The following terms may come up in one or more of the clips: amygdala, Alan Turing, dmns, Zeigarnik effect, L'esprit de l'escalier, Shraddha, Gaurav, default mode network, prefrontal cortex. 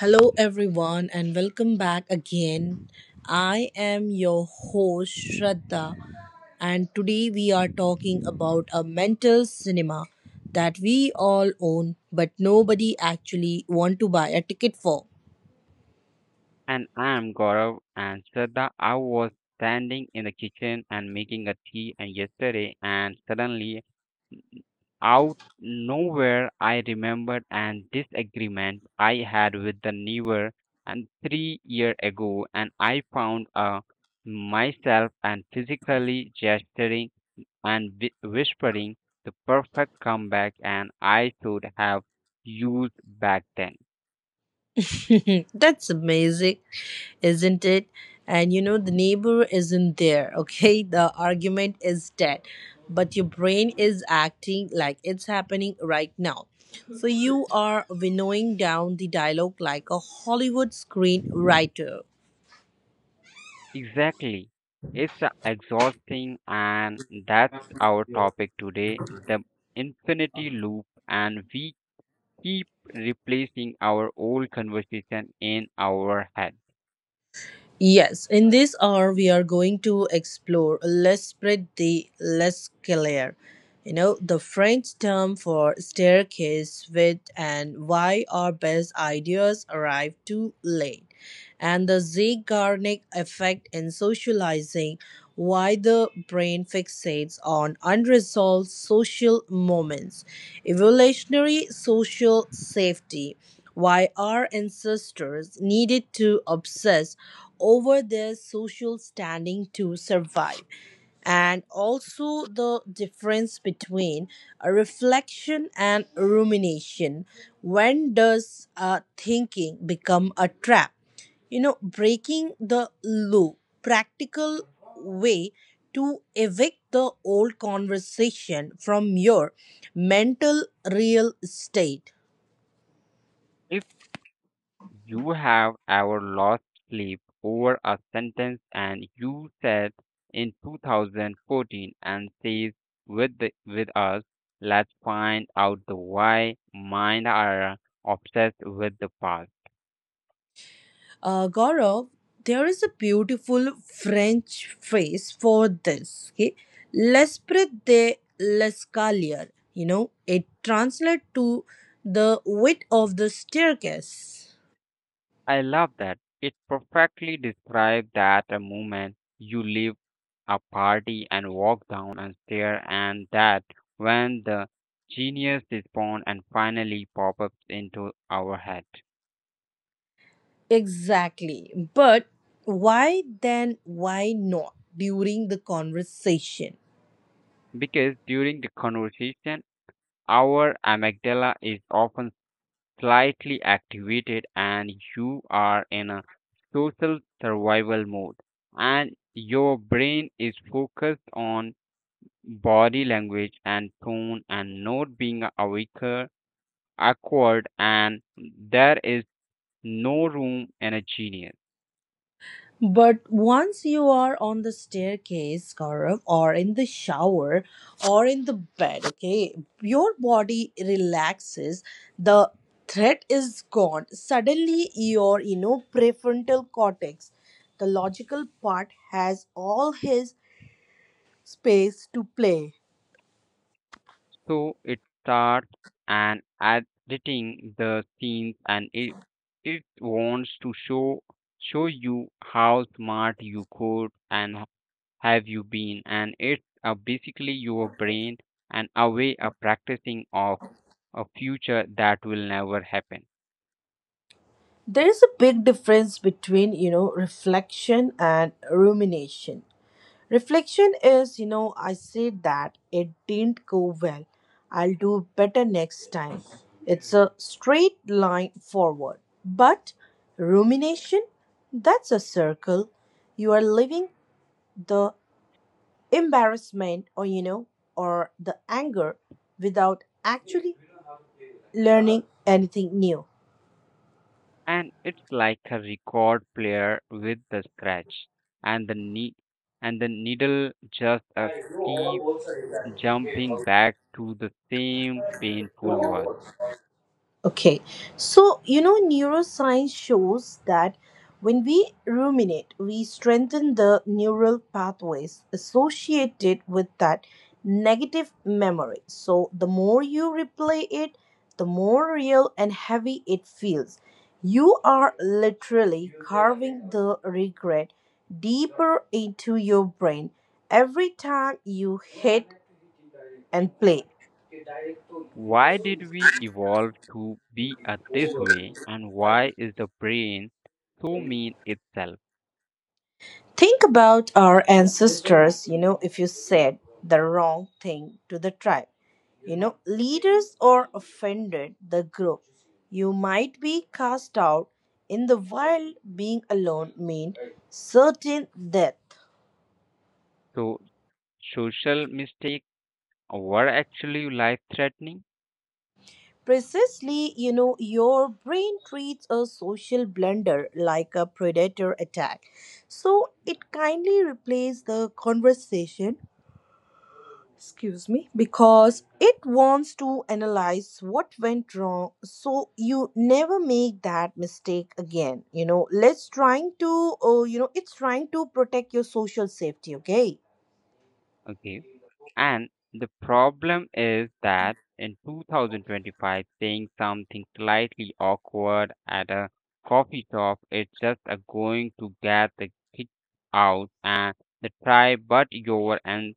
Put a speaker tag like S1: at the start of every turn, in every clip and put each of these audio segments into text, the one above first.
S1: Hello, everyone, and welcome back again. I am your host, Shraddha, and today we are talking about a mental cinema that we all own but nobody actually want to buy a ticket for.
S2: And I'm Gaurav and Shraddha. I was standing in the kitchen and making a tea and yesterday and suddenly out nowhere I remembered an disagreement I had with the neighbor and 3 year ago and I found myself and physically gesturing and whispering the perfect comeback and I should have used back then.
S1: That's amazing, isn't it? And you know, the neighbor isn't there, okay? The argument is dead, but your brain is acting like it's happening right now. So you are winnowing down the dialogue like a Hollywood screenwriter.
S2: Exactly. It's exhausting, and that's our topic today the infinity loop. And we keep replacing our old conversation in our head.
S1: Yes, in this hour we are going to explore l'estrade de l'escalier, you know, the French term for staircase with, and why our best ideas arrive too late, and the Zeigarnik effect in socializing, why the brain fixates on unresolved social moments, evolutionary social safety, why our ancestors needed to obsess over their social standing to survive, and also the difference between a reflection and rumination. When does thinking become a trap? You know, breaking the loop, practical way to evict the old conversation from your mental real estate.
S2: If you have ever lost sleep over a sentence and you said in 2014 and says with, the, with us, let's find out the why, mind are obsessed with the past.
S1: Gaurav, there is a beautiful French phrase for this. Okay? L'esprit de l'escalier. You know, it translates to the width of the staircase.
S2: I love that. It perfectly describes that a moment you leave a party and walk down and stare and that when the genius is born and finally pop ups into our head.
S1: Exactly. But why then, why not during the conversation?
S2: Because during the conversation our amygdala is often slightly activated and you are in a social survival mode and your brain is focused on body language and tone and not being awkward and there is no room in a genius.
S1: But once you are on the staircase, Gaurav, or in the shower, or in the bed, okay, your body relaxes. The threat is gone. Suddenly, your prefrontal cortex, the logical part, has all his space to play.
S2: So it starts and editing the scenes and it wants to show you how smart you could and have you been and it's basically your brain and a way of practicing of a future that will never happen
S1: There is a big difference between reflection and rumination. Reflection is, you know, I said that it didn't go well. I'll do better next time. It's a straight line forward. But rumination, that's a circle. You are living the embarrassment or, you know, or the anger without actually learning anything new.
S2: and it's like a record player with the scratch and the knee and the needle just keep jumping back to the same painful word
S1: Okay, so you know, neuroscience shows that when we ruminate, we strengthen the neural pathways associated with that negative memory. So, the more you replay it, the more real and heavy it feels. You are literally carving the regret deeper into your brain every time you hit and play.
S2: why did we evolve to be this way and why is the brain so mean itself
S1: Think about our ancestors, you know, if you said the wrong thing to the tribe. You know, leaders or offended the group. You might be cast out in the wild, being alone meant certain death.
S2: so social mistakes were actually life threatening.
S1: Precisely, you know, your brain treats a social blunder like a predator attack. So it kindly replaces the conversation, excuse me, because it wants to analyze what went wrong so you never make that mistake again. You know, let's trying to you know, it's trying to protect your social safety. Okay,
S2: Okay. And the problem is that in 2025, saying something slightly awkward at a coffee shop is just a going to get the kicked out and the try, but your and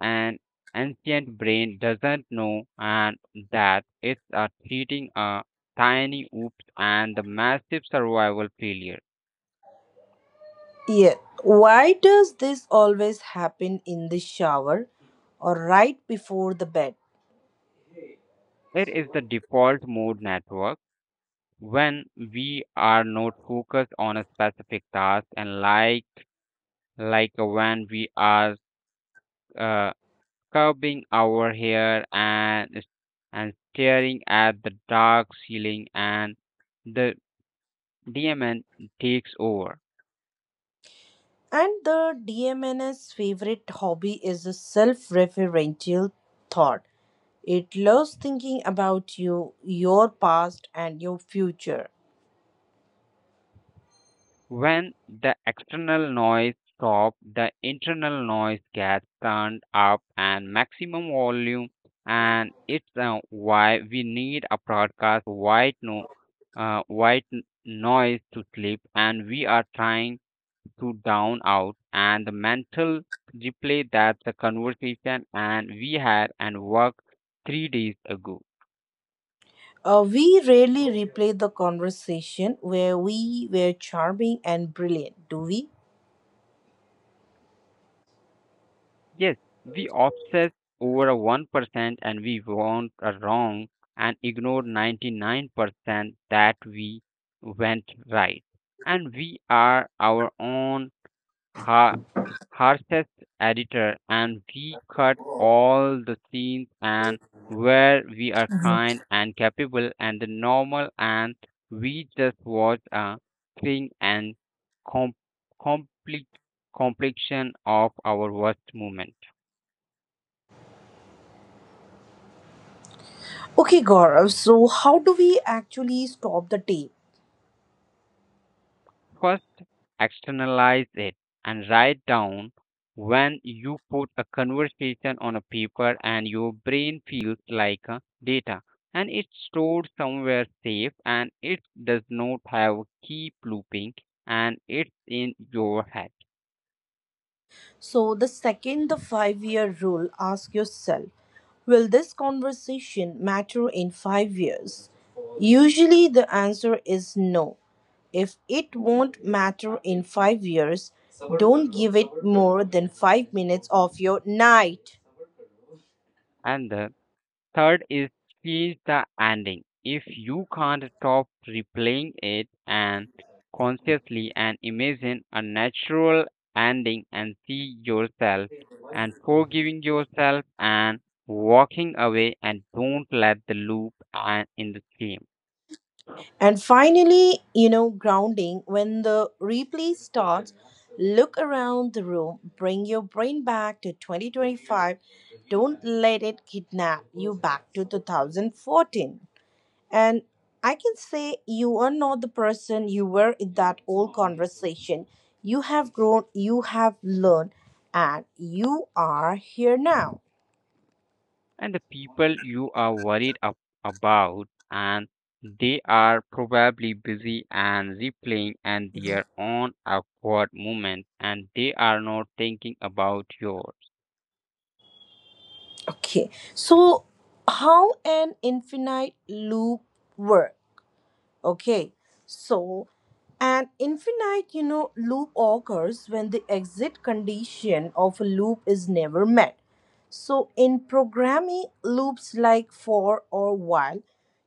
S2: an ancient brain doesn't know and that it's a treating a tiny oops and the massive survival failure.
S1: yeah, why does this always happen in the shower or right before the bed?
S2: It is the default mode network when we are not focused on a specific task and like when we are uh, curving our hair and and staring at the dark ceiling and the demon takes over.
S1: And the DMN's favorite hobby is a self-referential thought. It loves thinking about you, your past and your future.
S2: When the external noise stops, the internal noise gets turned up and maximum volume, and it's why we need a broadcast white no white n- noise to sleep, and we are trying to down out and the mental replay that the conversation and we had and work 3 days ago.
S1: We rarely replay the conversation where we were charming and brilliant, do we?
S2: Yes, we obsess over a 1% and we want a wrong and ignore 99% that we went right. And we are our own har- harshest editor and we cut all the scenes and where we are
S1: Mhm.
S2: kind and capable and the normal and we just watch a thing and com- compli complexion of our worst moment.
S1: Okay, Gaurav, so how do we actually stop the tape?
S2: First, externalize it and write down when you put a conversation on a paper and your brain feels like data and it's stored somewhere safe and it does not have keep looping and it's in your head
S1: So, the second, the 5 year rule, ask yourself, will this conversation matter in 5 years? Usually, the answer is no. If it won't matter in 5 years, don't give it more than 5 minutes of your night.
S2: and the third is change the ending. If you can't stop replaying it and consciously and imagine a natural ending and see yourself and forgiving yourself and walking away and don't let the loop and in the stream.
S1: And finally, you know, grounding. When the replay starts, look around the room, bring your brain back to 2025. Don't let it kidnap you back to 2014. And I can say you are not the person you were in that old conversation. You have grown, you have learned, and you are here now.
S2: And the people you are worried about and they are probably busy and replaying and their own awkward moment and they are not thinking about yours.
S1: Okay, so how an infinite loop works. Okay, so an infinite, you know, loop occurs when the exit condition of a loop is never met. So in programming, loops like for or while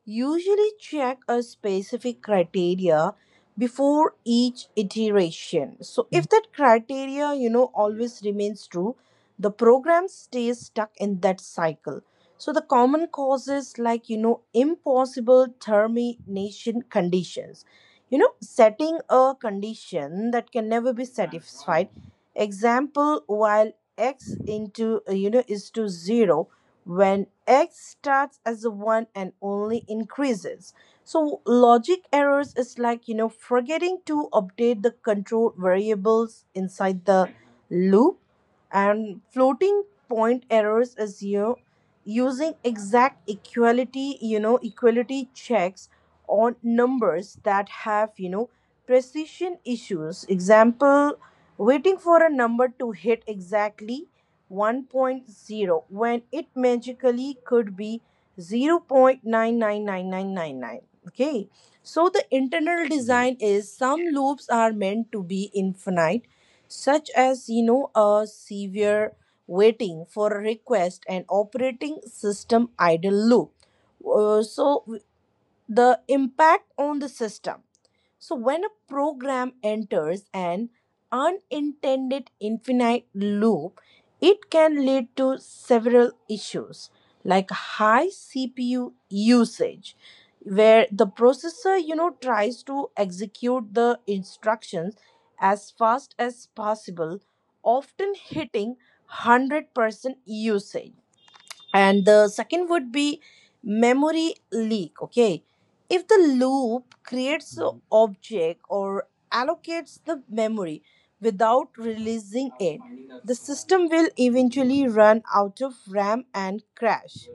S1: usually check a specific criteria before each iteration. So if that criteria, you know, always remains true, the program stays stuck in that cycle. So the common causes like you know impossible termination conditions. You know, setting a condition that can never be satisfied. Example while x into you know is to zero when x starts as a one and only increases. So logic errors is like you know forgetting to update the control variables inside the loop and floating point errors is you know using exact equality you know equality checks on numbers that have you know precision issues example waiting for a number to hit exactly one point zero when it magically could be 0.999999. Okay, so the internal design
S2: Yes.
S1: is some loops are meant to be infinite, such as, you know, a severe waiting for a request and operating system idle loop. So the impact on the system. So, when a program enters an unintended infinite loop, it can lead to several issues like high CPU usage, where the processor, you know, tries to execute the instructions as fast as possible, often hitting 100% usage. And the second would be memory leak. Okay, if the loop creates an
S2: Mhm.
S1: object or allocates the memory without releasing it, the system will eventually run out of RAM and crash.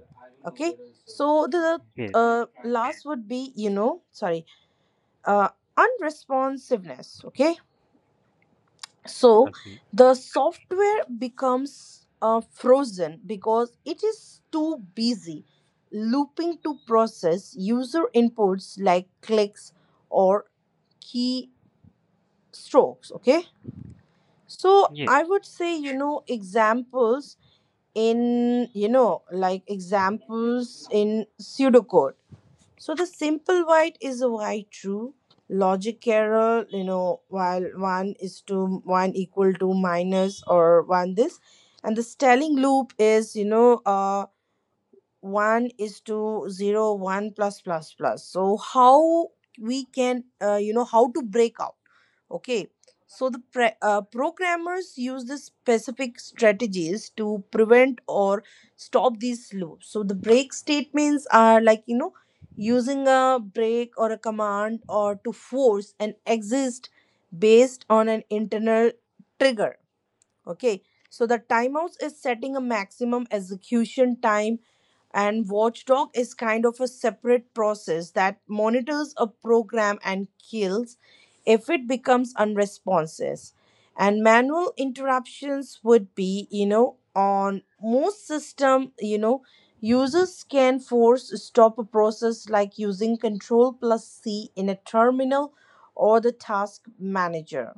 S1: Okay, so the
S2: Yes.
S1: last would be, you know, sorry, uh, unresponsiveness. Okay, so
S2: Okay.
S1: the software becomes frozen because it is too busy looping to process user inputs like clicks or keystrokes. Okay, so
S2: Yes.
S1: I would say, you know, examples in, you know, like examples in pseudocode. So the simple white is a white true logic error, you know, while one is to one equal to minus or one this, and the styling loop is, you know, one is to 0 1 plus plus plus. So how we can you know, how to break out. Okay, so the programmers use the specific strategies to prevent or stop these loops. So the break statements are like, you know, using a break or a command or to force an exist based on an internal trigger. Okay, so the timeouts is setting a maximum execution time, and watchdog is kind of a separate process that monitors a program and kills if it becomes unresponsive. And manual interruptions would be, you know, on most system, you know, users can force stop a process like using Control plus C in a terminal or the task manager.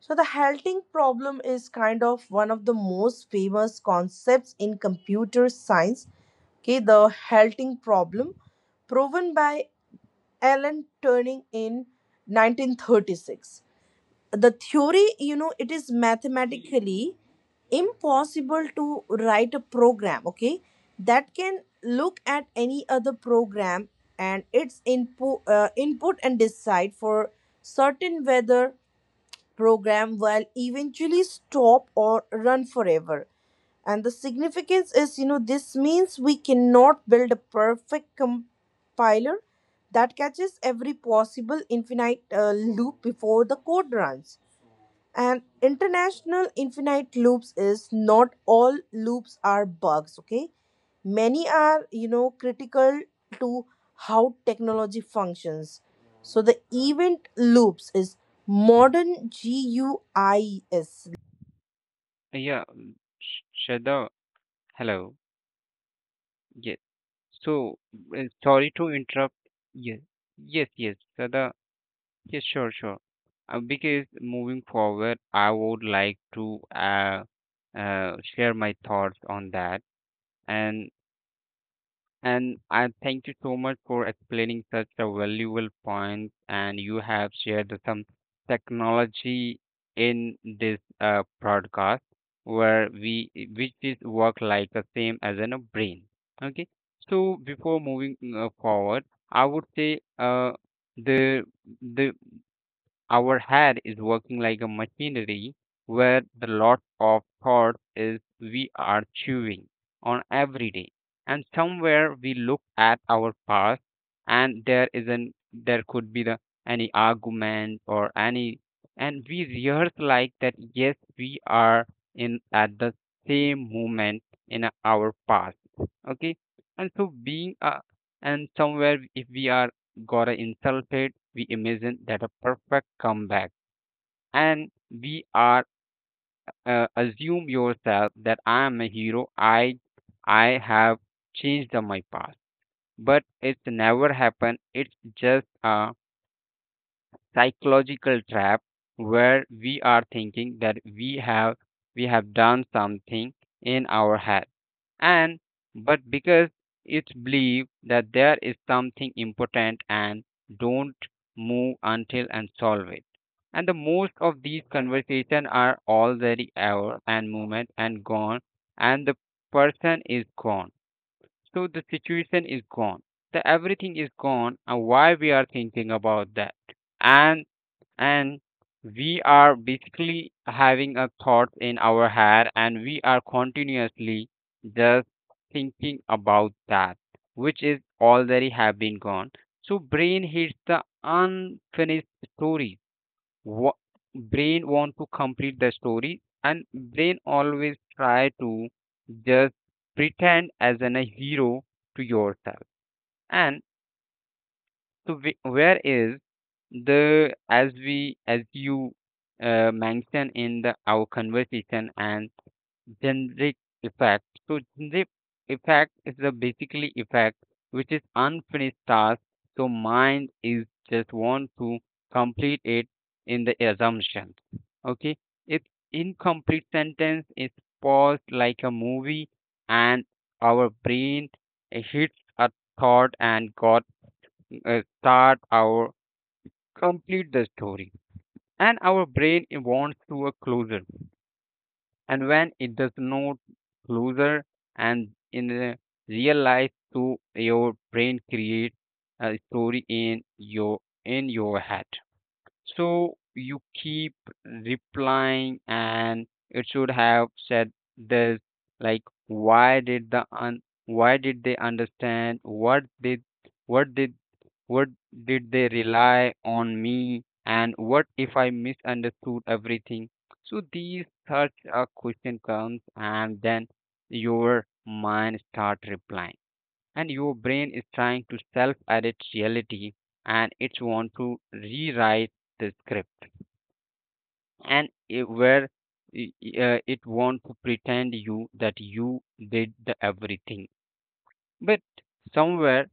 S1: So, the halting problem is kind of one of the most famous concepts in computer science. Okay, the halting problem, proven by Alan Turing in 1936. The theory, you know, it is mathematically impossible to write a program, okay, that can look at any other program and its input, input and decide for certain whether program will eventually stop or run forever. And the significance is, you know, this means we cannot build a perfect compiler that catches every possible infinite loop before the code runs. And international infinite loops is not all loops are bugs, okay? Many are, you know, critical to how technology functions. So the event loops is modern GUIs.
S2: Yeah. Mm. Shada, hello. Yes, so sorry to interrupt. Yes, yes, yes, Shada. Yeah, sure, sure. Because moving forward, I would like to share my thoughts on that, and and I thank you so much for explaining such a valuable point. And you have shared the some technology in this broadcast where we which is work like the same as in a brain. Okay, so before moving forward, I would say the the our head is working like a machinery where the lot of thought is we are chewing on every day. And somewhere we look at our past and there isn't there could be the any argument or any and we rehearse like that. Yes, we are in at the same moment in our past. Okay. And so being a and somewhere if we are got insulted, we imagine that a perfect comeback, and we are assume yourself that I am a hero. I have changed my past, but it's never happened. It's just a psychological trap where we are thinking that we have done something in our head and but because it's believed that there is something important and don't move until and solve it and the most of these conversations are already over and movement and gone and the person is gone so the situation is gone the everything is gone and why we are thinking about that and and we are basically having a thought in our head and we are continuously just thinking about that which is already have been gone so brain hits the unfinished story. Wha- Brain want to complete the story and brain always try to just pretend as an a hero to yourself and so where is the as you mentioned in the our conversation and generic effect. So generic effect is the basically effect which is unfinished task. So mind is just want to complete it in the assumption. Okay, it's incomplete sentence is paused like a movie, and our brain hits a thought and got start our complete the story and our brain it wants to a closer and when it does not closer and in the real life so your brain create a story in your head so you keep replying and it should have said this like why did they understand what did what did they rely on me? And what if I misunderstood everything? So these such a question comes and then your mind start replying and your brain is trying to self edit reality and it's want to rewrite the script and it, where it want to pretend you that you did the everything but somewhere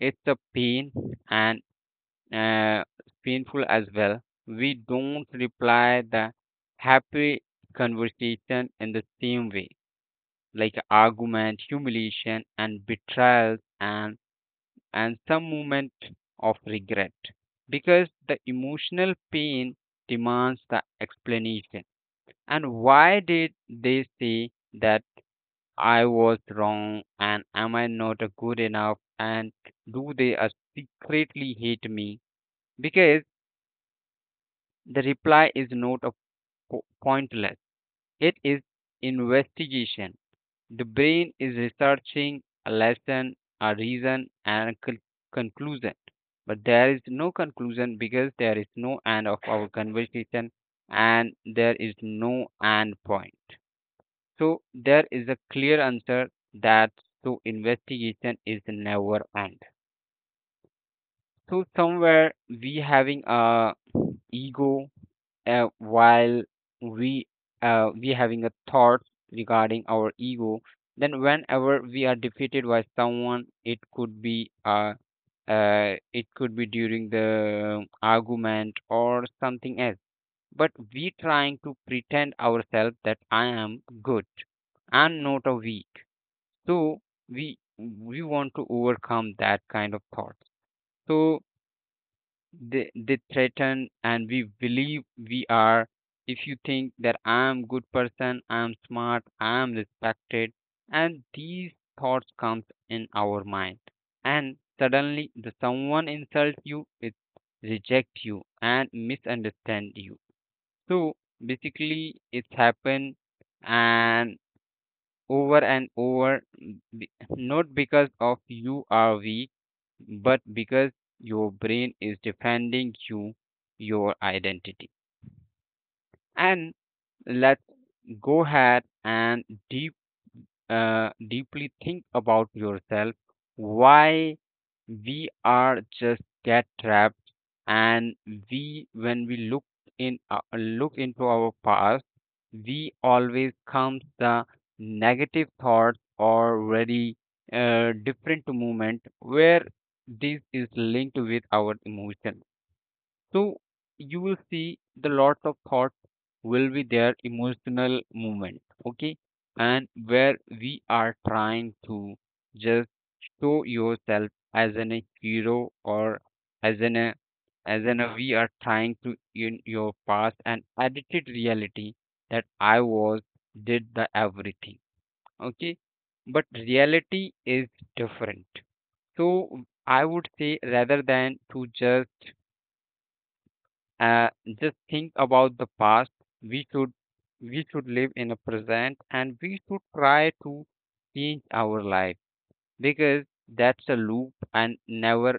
S2: it's a pain and uh, painful as well. We don't reply the happy conversation in the same way, like argument, humiliation, and betrayals, and some moment of regret, because the emotional pain demands the explanation. And why did they say that I was wrong, and am I not good enough, and do they secretly hate me? Because the reply is not a pointless. It is investigation. The brain is researching a lesson, a reason, and a conclusion. But there is no conclusion because there is no end of our conversation and there is no end point. So there is a clear answer that so investigation is never end. So somewhere we having a ego while we we having a thought regarding our ego then whenever we are defeated by someone it could be during the argument or something else but we trying to pretend ourselves that I am good, I'm not a weak, so we we want to overcome that kind of thought so they threaten and we believe we are if you think that I am good person, I am smart, I am respected, and these thoughts comes in our mind and suddenly the someone insults you it reject you and misunderstand you so basically it's happened and over and over, not because of you are weak but because your brain is defending you, your identity. And let's go ahead and deep, deeply think about yourself. Why we are just get trapped, and we when we look into our past, we always comes the negative thoughts or very different movement where this is linked with our emotion. So you will see the lots of thoughts will be their emotional movement, okay? And where we are trying to just show yourself as an a hero or as an a as an a we are trying to in your past and edited reality that I was did the everything, okay? But reality is different. So I would say rather than to uh, just think about the past. We should we should live in the present and we should try to change our life because that's a loop and never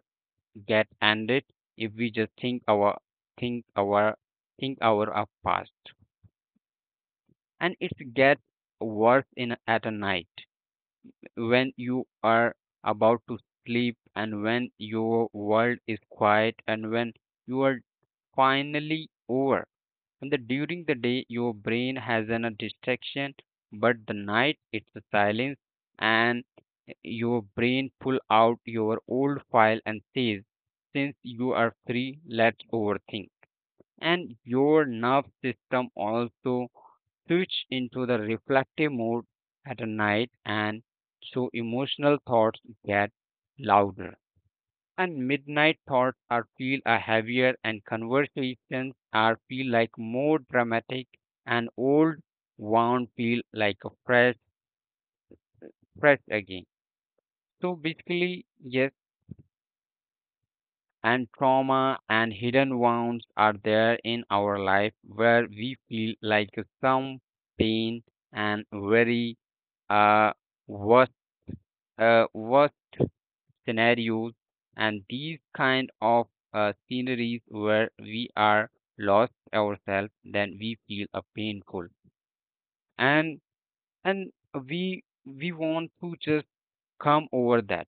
S2: get ended if we just think our think our of past and it gets worse in at a night when you are about to sleep and when your world is quiet and when you are finally over. And during the day, your brain has a distraction, but the night, it's a silence, and your brain pull out your old file and says, since you are free, let's overthink. And your nerve system also switch into the reflective mode at a night, and so emotional thoughts get louder and midnight thoughts are feel a heavier and conversations are feel like more dramatic and old wound feel like a fresh again. So basically yes, and trauma and hidden wounds are there in our life where we feel like some pain and very uh worse worse scenarios and these kind of sceneries where we are lost ourselves, then we feel a painful and and we want to just come over that.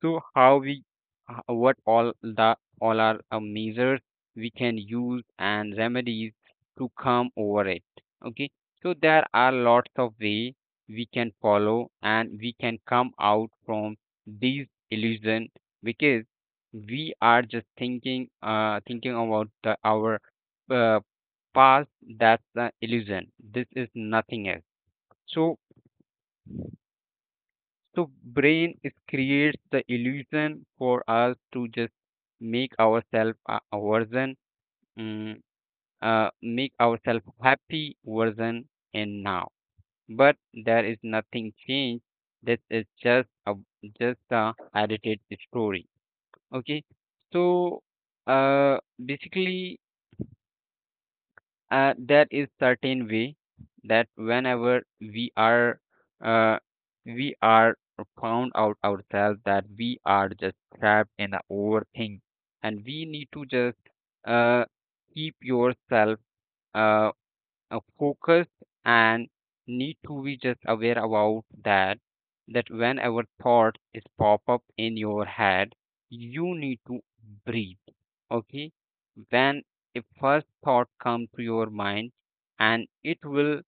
S2: So what all are measures we can use and remedies to come over it. Okay, so there are lots of way we can follow and we can come out from these illusion because we are just thinking about our uh, past. That's an illusion, this is nothing else. So so brain is creates the illusion for us to just make ourselves a version, mm, make ourselves happy version and now. But there is nothing changed. This is just a edited story. Okay. So uh, basically that is certain way that whenever we are uh, we are found out ourselves that we are just trapped in the overthink, and we need to just uh, keep yourself uh, focused and need to be just aware about that, that whenever thoughts is pop up in your head, you need to breathe. Okay, when a first thought comes to your mind and it will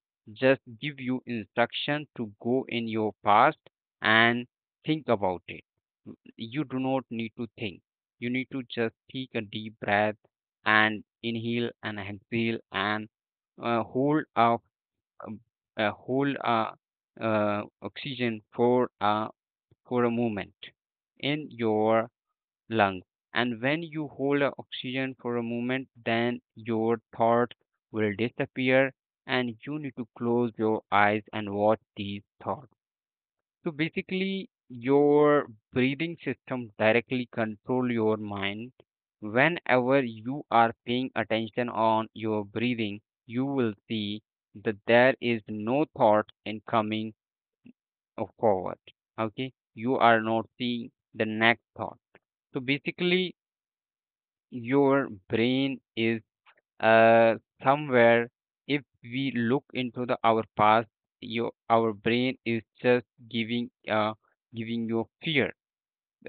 S2: just give you instruction to go in your past and think about it, you do not need to think. You need to just take a deep breath and inhale and exhale and uh, hold of um, hold oxygen for a moment in your lungs, and when you hold a oxygen for a moment, then your thoughts will disappear. And you need to close your eyes and watch these thoughts. So basically, your breathing system directly control your mind. Whenever you are paying attention on your breathing, you will see that there is no thought in coming forward. Okay, you are not seeing the next thought. So basically, your brain is uh, somewhere. If we look into the our past, your our brain is just giving you fear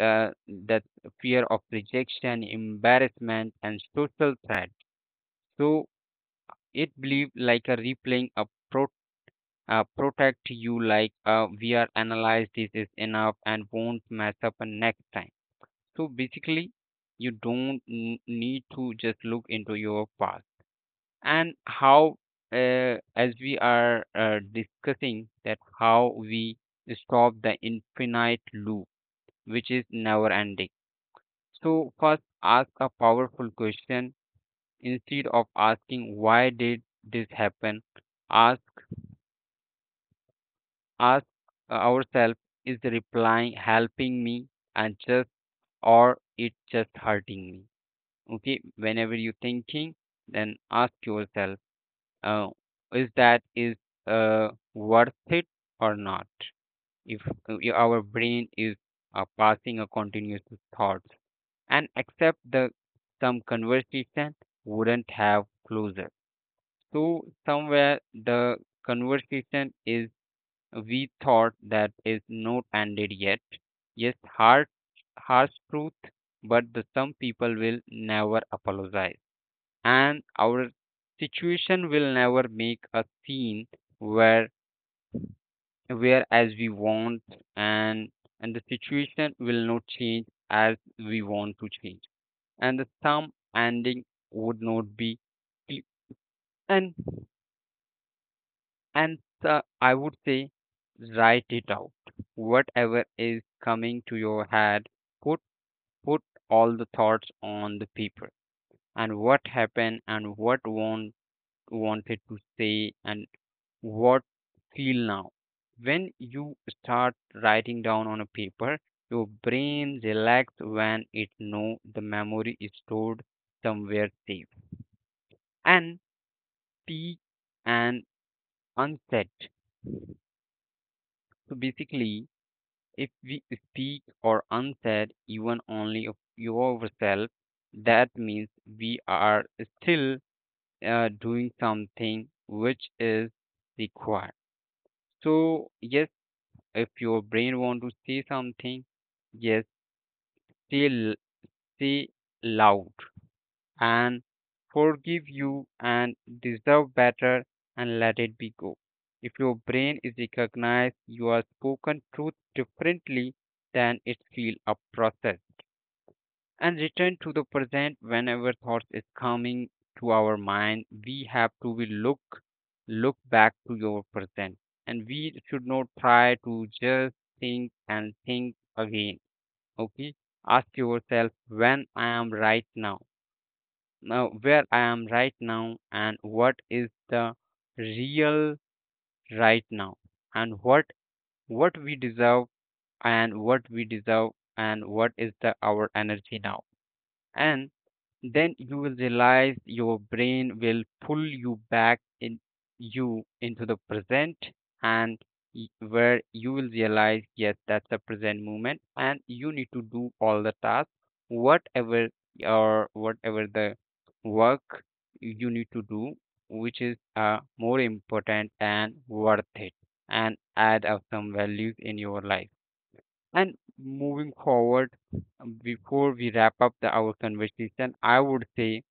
S2: uh, that fear of rejection, embarrassment, and social threat. So it believe like a replaying a pro- protect you like we are analyzed this is enough and won't mess up next time. So basically, you don't need to just look into your past. And how as we are discussing that, how we stop the infinite loop which is never ending? So first, ask a powerful question. Instead of asking why did this happen, ask ask ourselves is the reply helping me and just or it just hurting me. Okay, whenever you're thinking, then ask yourself, uh, is that is uh, worth it or not. If our brain is passing a continuous thoughts, and except the some conversation wouldn't have closure. So somewhere the conversation is we thought that is not ended yet. Yes, harsh, harsh truth, but the some people will never apologize. And our situation will never make a scene where where as we want, and and the situation will not change as we want to change, and the thumb ending would not be cle- and and I would say write it out. Whatever is coming to your head, put put all the thoughts on the paper, and what happened and what wanted to say and what feel now. When you start writing down on a paper, your brain relax when it know the memory is stored somewhere safe and speak and unsaid. So basically, if we speak or unsaid even only of yourself, that means we are still doing something which is required. So yes, if your brain want to say something, yes, say say loud. And forgive you and deserve better and let it be go. If your brain is recognized, you are spoken truth differently than it feel a process. And return to the present, whenever thoughts is coming to our mind, we have to be look back to your present. And we should not try to just think and think again. Okay? Ask yourself when I am right now, where I am right now and what is the real right now and what we deserve and what we deserve and what is the our energy now. And then you will realize your brain will pull you back in you into the present, and where you will realize, yes, that's the present moment, and you need to do all the tasks whatever or whatever the work you need to do, which is more important and worth it and add up some values in your life and moving forward. Before we wrap up our conversation, I would say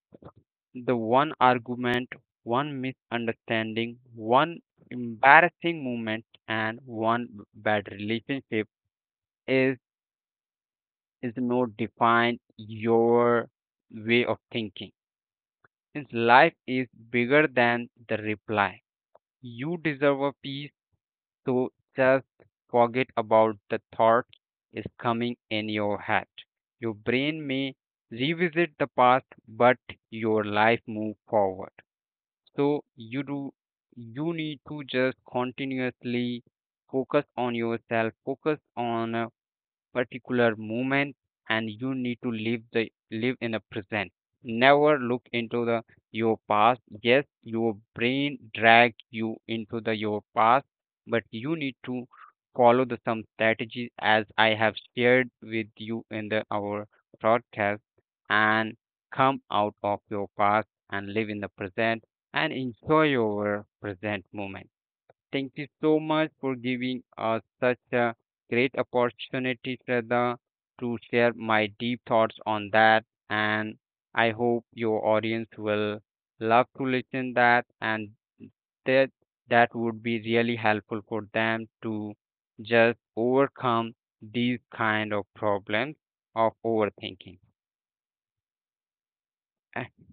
S2: the one argument, one misunderstanding, one embarrassing moment, and one bad relationship is is not define your way of thinking. Since life is bigger than the reply, you deserve a peace. So just forget about the thought is coming in your head. Your brain may revisit the past, but your life move forward. So you need to just continuously focus on yourself, focus on particular moment, and you need to live in the present. Never look into the your past. Yes, your brain drag you into the your past, but you need to follow the some strategies as I have shared with you in the our broadcast and come out of your past and live in the present and enjoy your present moment. Thank you so much for giving us such a great opportunity, Shraddha, to share my deep thoughts on that. And I hope your audience will love to listen that, and that that would be really helpful for them to just overcome these kind of problems of overthinking.